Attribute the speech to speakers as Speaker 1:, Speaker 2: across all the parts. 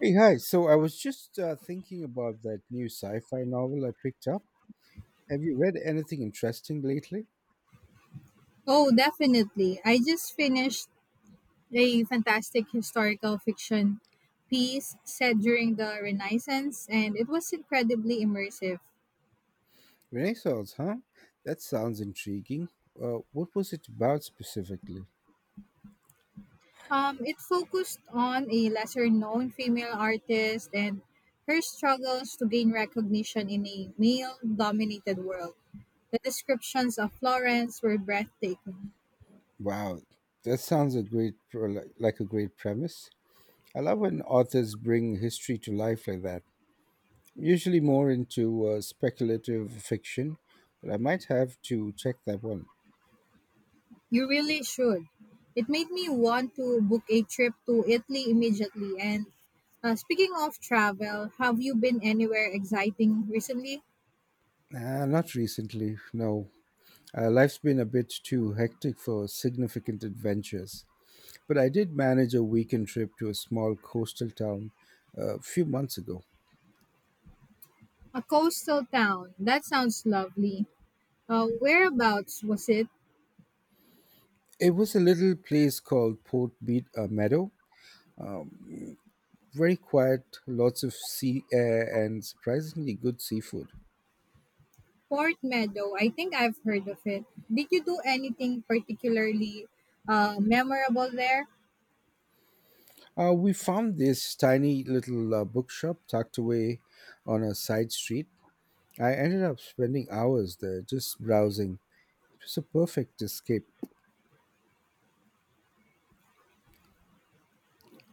Speaker 1: Hey, hi. So I was just thinking about that new sci-fi novel I picked up. Have you read anything interesting lately?
Speaker 2: Oh, definitely. I just finished a fantastic historical fiction piece set during the Renaissance, and it was incredibly immersive.
Speaker 1: Renaissance, huh? That sounds intriguing. What was it about specifically?
Speaker 2: It focused on a lesser known female artist and her struggles to gain recognition in a male dominated world. The descriptions of Florence were breathtaking.
Speaker 1: Wow, that sounds like a great premise. I love when authors bring history to life like that. I'm usually more into speculative fiction, but I might have to check that one.
Speaker 2: You really should. It made me want to book a trip to Italy immediately. And speaking of travel, have you been anywhere exciting recently?
Speaker 1: Not recently, no. Life's been a bit too hectic for significant adventures, but I did manage a weekend trip to a small coastal town a few months ago.
Speaker 2: A coastal town. That sounds lovely. Whereabouts was it?
Speaker 1: It was a little place called Port Beat Meadow. Very quiet, lots of sea air, and surprisingly good seafood.
Speaker 2: Port Meadow. I think I've heard of it. Did you do anything particularly memorable there?
Speaker 1: We found this tiny little bookshop tucked away on a side street. I ended up spending hours there just browsing. It was a perfect escape.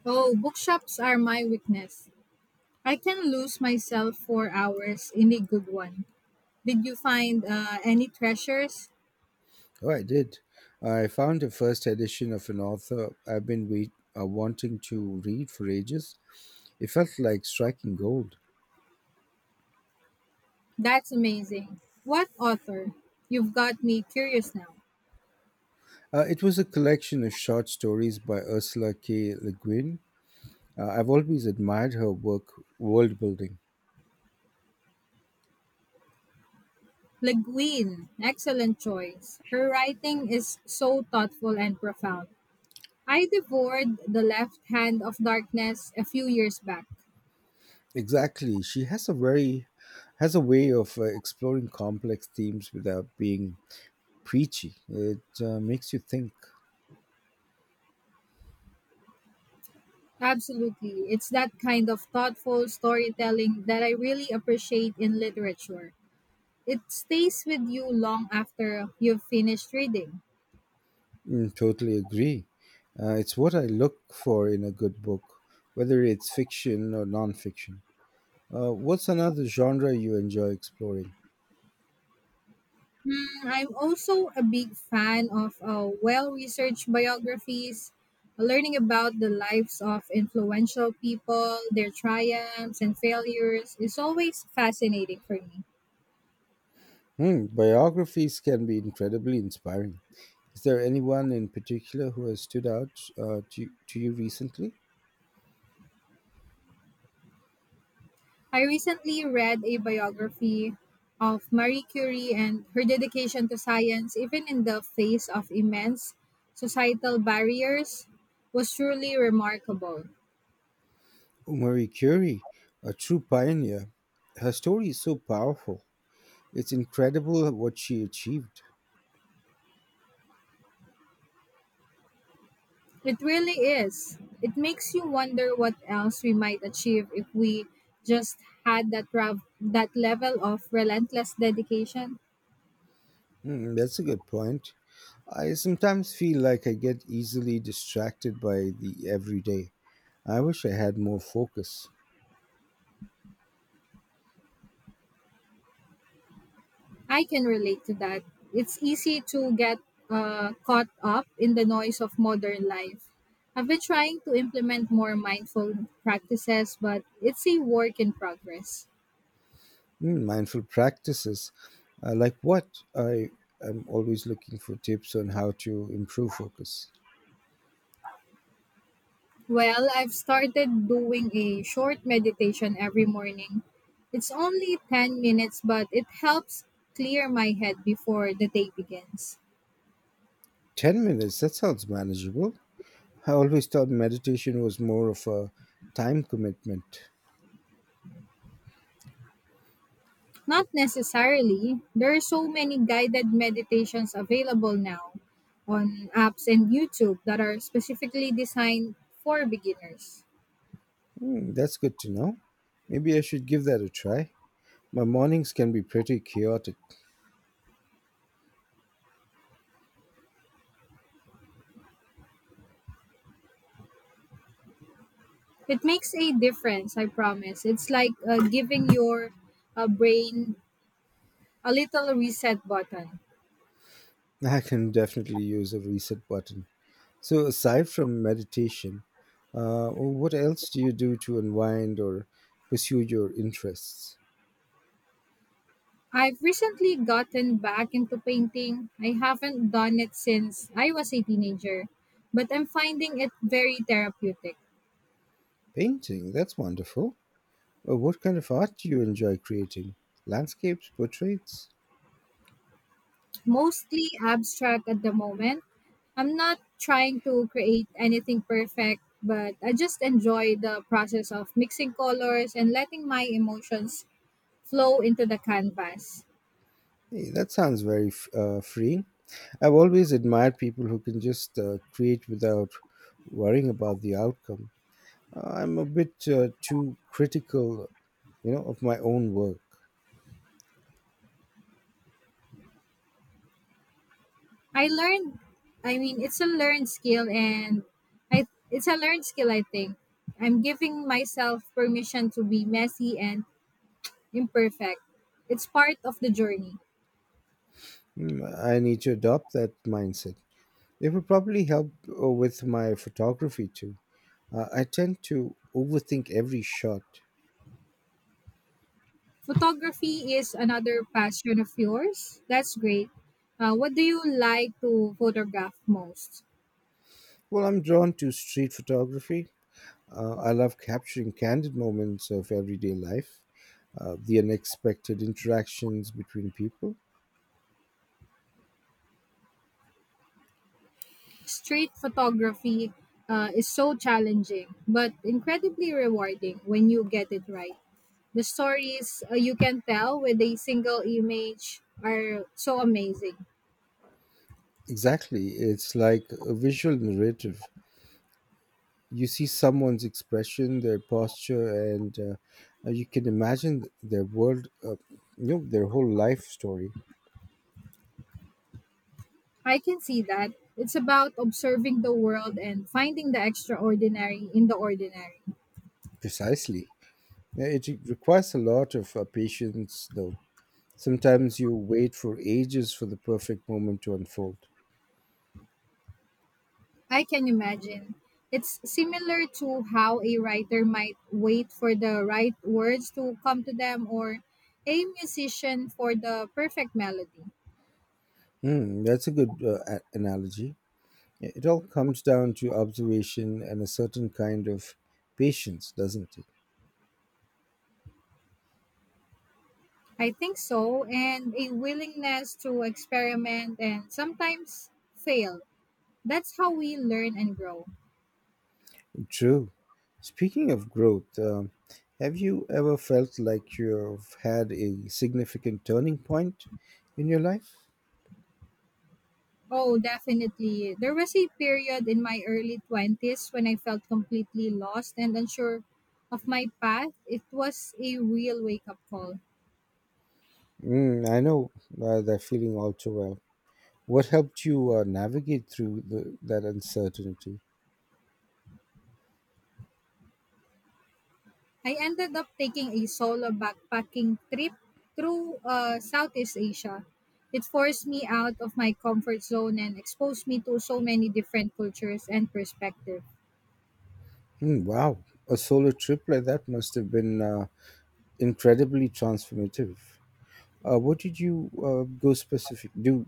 Speaker 2: Oh, bookshops are my weakness. I can lose myself for hours in a good one. Did you find any treasures?
Speaker 1: Oh, I did. I found the first edition of an author I've been wanting to read for ages. It felt like striking gold.
Speaker 2: That's amazing. What author? You've got me curious now.
Speaker 1: It was a collection of short stories by Ursula K. Le Guin. I've always admired her work, world building.
Speaker 2: Le Guin, excellent choice. Her writing is so thoughtful and profound. I devoured The Left Hand of Darkness a few years back.
Speaker 1: Exactly, she has a way of exploring complex themes without being preachy. It makes you think.
Speaker 2: Absolutely. It's that kind of thoughtful storytelling that I really appreciate in literature. It stays with you long after you've finished reading.
Speaker 1: Mm, totally agree. It's what I look for in a good book, whether it's fiction or nonfiction. What's another genre you enjoy exploring?
Speaker 2: Mm, I'm also a big fan of well researched biographies, learning about the lives of influential people, their triumphs and failures is always fascinating for me.
Speaker 1: Hmm, biographies can be incredibly inspiring. Is there anyone in particular who has stood out to you recently?
Speaker 2: I recently read a biography of Marie Curie and her dedication to science, even in the face of immense societal barriers, was truly remarkable.
Speaker 1: Marie Curie, a true pioneer. Her story is so powerful. It's incredible what she achieved.
Speaker 2: It really is. It makes you wonder what else we might achieve if we just had that level of relentless dedication.
Speaker 1: Mm, that's a good point. I sometimes feel like I get easily distracted by the everyday. I wish I had more focus.
Speaker 2: I can relate to that. It's easy to get caught up in the noise of modern life. I've been trying to implement more mindful practices, but it's a work in progress.
Speaker 1: Mm, mindful practices, like what? I am always looking for tips on how to improve focus.
Speaker 2: Well, I've started doing a short meditation every morning. It's only 10 minutes, but it helps clear my head before the day begins.
Speaker 1: 10 minutes, that sounds manageable. I always thought meditation was more of a time commitment.
Speaker 2: Not necessarily. There are so many guided meditations available now on apps and YouTube that are specifically designed for beginners.
Speaker 1: Mm, that's good to know. Maybe I should give that a try. My mornings can be pretty chaotic.
Speaker 2: It makes a difference, I promise. It's like giving your brain a little reset button.
Speaker 1: I can definitely use a reset button. So, aside from meditation, what else do you do to unwind or pursue your interests?
Speaker 2: I've recently gotten back into painting. I haven't done it since I was a teenager, but I'm finding it very therapeutic.
Speaker 1: Painting, that's wonderful. What kind of art do you enjoy creating? Landscapes, portraits?
Speaker 2: Mostly abstract at the moment. I'm not trying to create anything perfect, but I just enjoy the process of mixing colors and letting my emotions flow into the canvas.
Speaker 1: Hey, that sounds very freeing. I've always admired people who can just create without worrying about the outcome. I'm a bit too critical, you know, of my own work.
Speaker 2: I learned I mean it's a learned skill and I it's a learned skill I think. I'm giving myself permission to be messy and imperfect. It's part of the journey.
Speaker 1: Mm, I need to adopt that mindset. It would probably help with my photography too. I tend to overthink every shot.
Speaker 2: Photography is another passion of yours. That's great. What do you like to photograph most?
Speaker 1: Well, I'm drawn to street photography. I love capturing candid moments of everyday life, the unexpected interactions between people.
Speaker 2: Street photography is so challenging, but incredibly rewarding when you get it right. The stories you can tell with a single image are so amazing.
Speaker 1: Exactly. It's like a visual narrative. You see someone's expression, their posture, and you can imagine their world, their whole life story.
Speaker 2: I can see that. It's about observing the world and finding the extraordinary in the ordinary.
Speaker 1: Precisely. Yeah, it requires a lot of patience, though. Sometimes you wait for ages for the perfect moment to unfold.
Speaker 2: I can imagine. It's similar to how a writer might wait for the right words to come to them or a musician for the perfect melody.
Speaker 1: Hmm, that's a good analogy. Yeah, it all comes down to observation and a certain kind of patience, doesn't it?
Speaker 2: I think so, and a willingness to experiment and sometimes fail. That's how we learn and grow.
Speaker 1: True. Speaking of growth, have you ever felt like you've had a significant turning point in your life?
Speaker 2: Oh, definitely. There was a period in my early 20s when I felt completely lost and unsure of my path. It was a real wake up call.
Speaker 1: Mm, I know that feeling all too well. What helped you navigate through that uncertainty?
Speaker 2: I ended up taking a solo backpacking trip through Southeast Asia. It forced me out of my comfort zone and exposed me to so many different cultures and perspectives.
Speaker 1: Hmm, wow, a solo trip like that must have been incredibly transformative. What did you go specific do?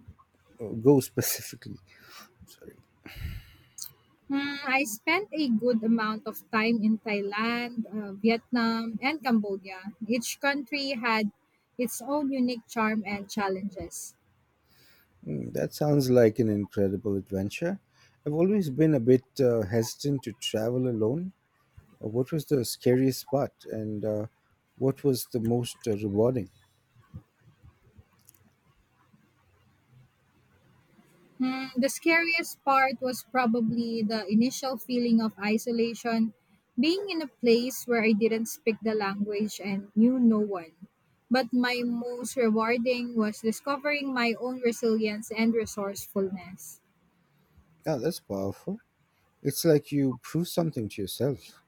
Speaker 1: Go specifically. Sorry.
Speaker 2: Hmm, I spent a good amount of time in Thailand, Vietnam, and Cambodia. Each country had its own unique charm and challenges.
Speaker 1: Hmm, that sounds like an incredible adventure. I've always been a bit hesitant to travel alone. What was the scariest part, and what was the most rewarding?
Speaker 2: Hmm, the scariest part was probably the initial feeling of isolation, being in a place where I didn't speak the language and knew no one. But my most rewarding was discovering my own resilience and resourcefulness.
Speaker 1: Yeah, that's powerful. It's like you prove something to yourself.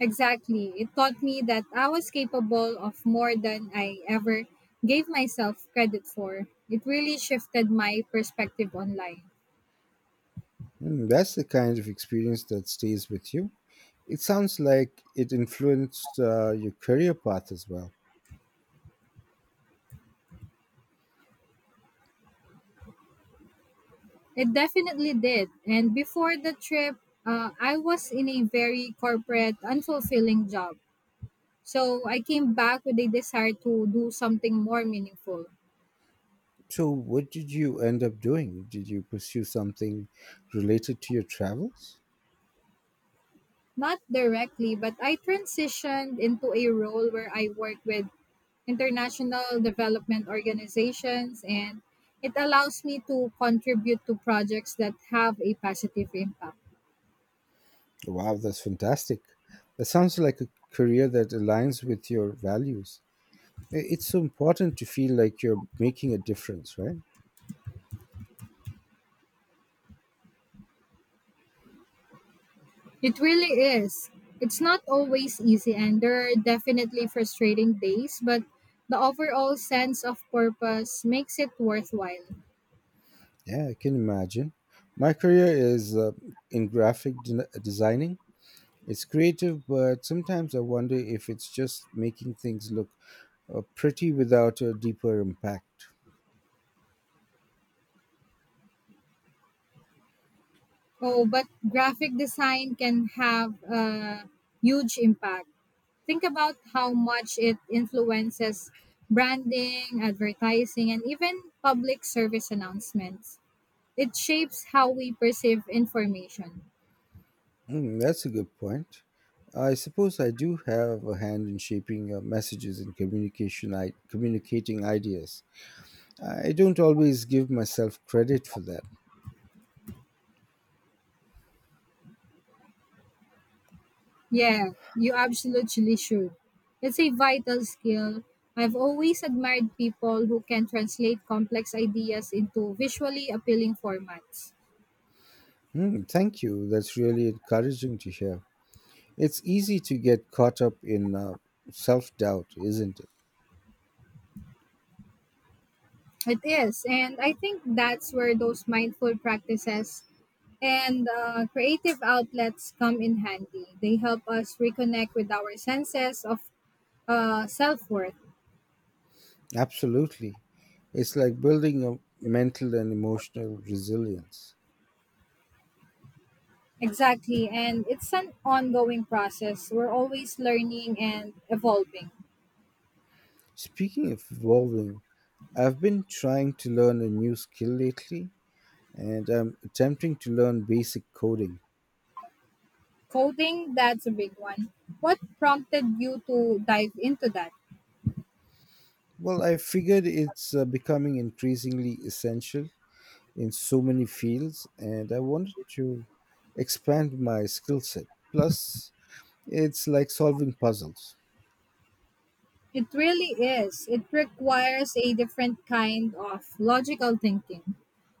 Speaker 2: Exactly. It taught me that I was capable of more than I ever gave myself credit for. It really shifted my perspective on life.
Speaker 1: Mm, that's the kind of experience that stays with you. It sounds like it influenced your career path as well.
Speaker 2: It definitely did. And before the trip, I was in a very corporate, unfulfilling job. So I came back with a desire to do something more meaningful.
Speaker 1: So, what did you end up doing? Did you pursue something related to your travels?
Speaker 2: Not directly, but I transitioned into a role where I work with international development organizations and it allows me to contribute to projects that have a positive impact.
Speaker 1: Wow, that's fantastic. That sounds like a career that aligns with your values. It's so important to feel like you're making a difference, right?
Speaker 2: It really is. It's not always easy, and there are definitely frustrating days, but the overall sense of purpose makes it worthwhile.
Speaker 1: Yeah, I can imagine. My career is in graphic designing. It's creative, but sometimes I wonder if it's just making things look pretty without a deeper impact.
Speaker 2: Oh, but graphic design can have a huge impact. Think about how much it influences branding, advertising, and even public service announcements. It shapes how we perceive information.
Speaker 1: Mm, that's a good point. I suppose I do have a hand in shaping messages and communicating ideas. I don't always give myself credit for that.
Speaker 2: Yeah, you absolutely should. It's a vital skill. I've always admired people who can translate complex ideas into visually appealing formats.
Speaker 1: Mm, thank you. That's really encouraging to hear. It's easy to get caught up in self doubt, isn't it?
Speaker 2: It is. And I think that's where those mindful practices and creative outlets come in handy. They help us reconnect with our senses of self worth.
Speaker 1: Absolutely. It's like building a mental and emotional resilience.
Speaker 2: Exactly. And it's an ongoing process. We're always learning and evolving.
Speaker 1: Speaking of evolving, I've been trying to learn a new skill lately and I'm attempting to learn basic coding.
Speaker 2: Coding, that's a big one. What prompted you to dive into that?
Speaker 1: Well, I figured it's becoming increasingly essential in so many fields and I wanted to expand my skill set. Plus, it's like solving puzzles.
Speaker 2: It really is. It requires a different kind of logical thinking.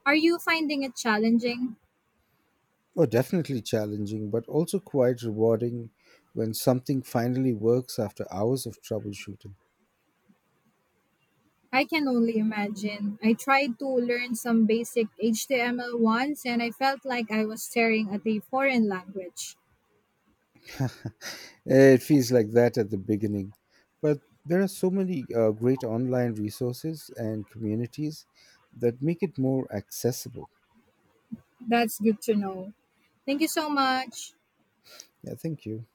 Speaker 2: Are you finding it challenging?
Speaker 1: Oh, definitely challenging, but also quite rewarding when something finally works after hours of troubleshooting.
Speaker 2: I can only imagine. I tried to learn some basic HTML once and I felt like I was staring at a foreign language.
Speaker 1: Eh, it feels like that at the beginning, but there are so many great online resources and communities that make it more accessible.
Speaker 2: That's good to know. Thank you so much.
Speaker 1: Yeah, thank you.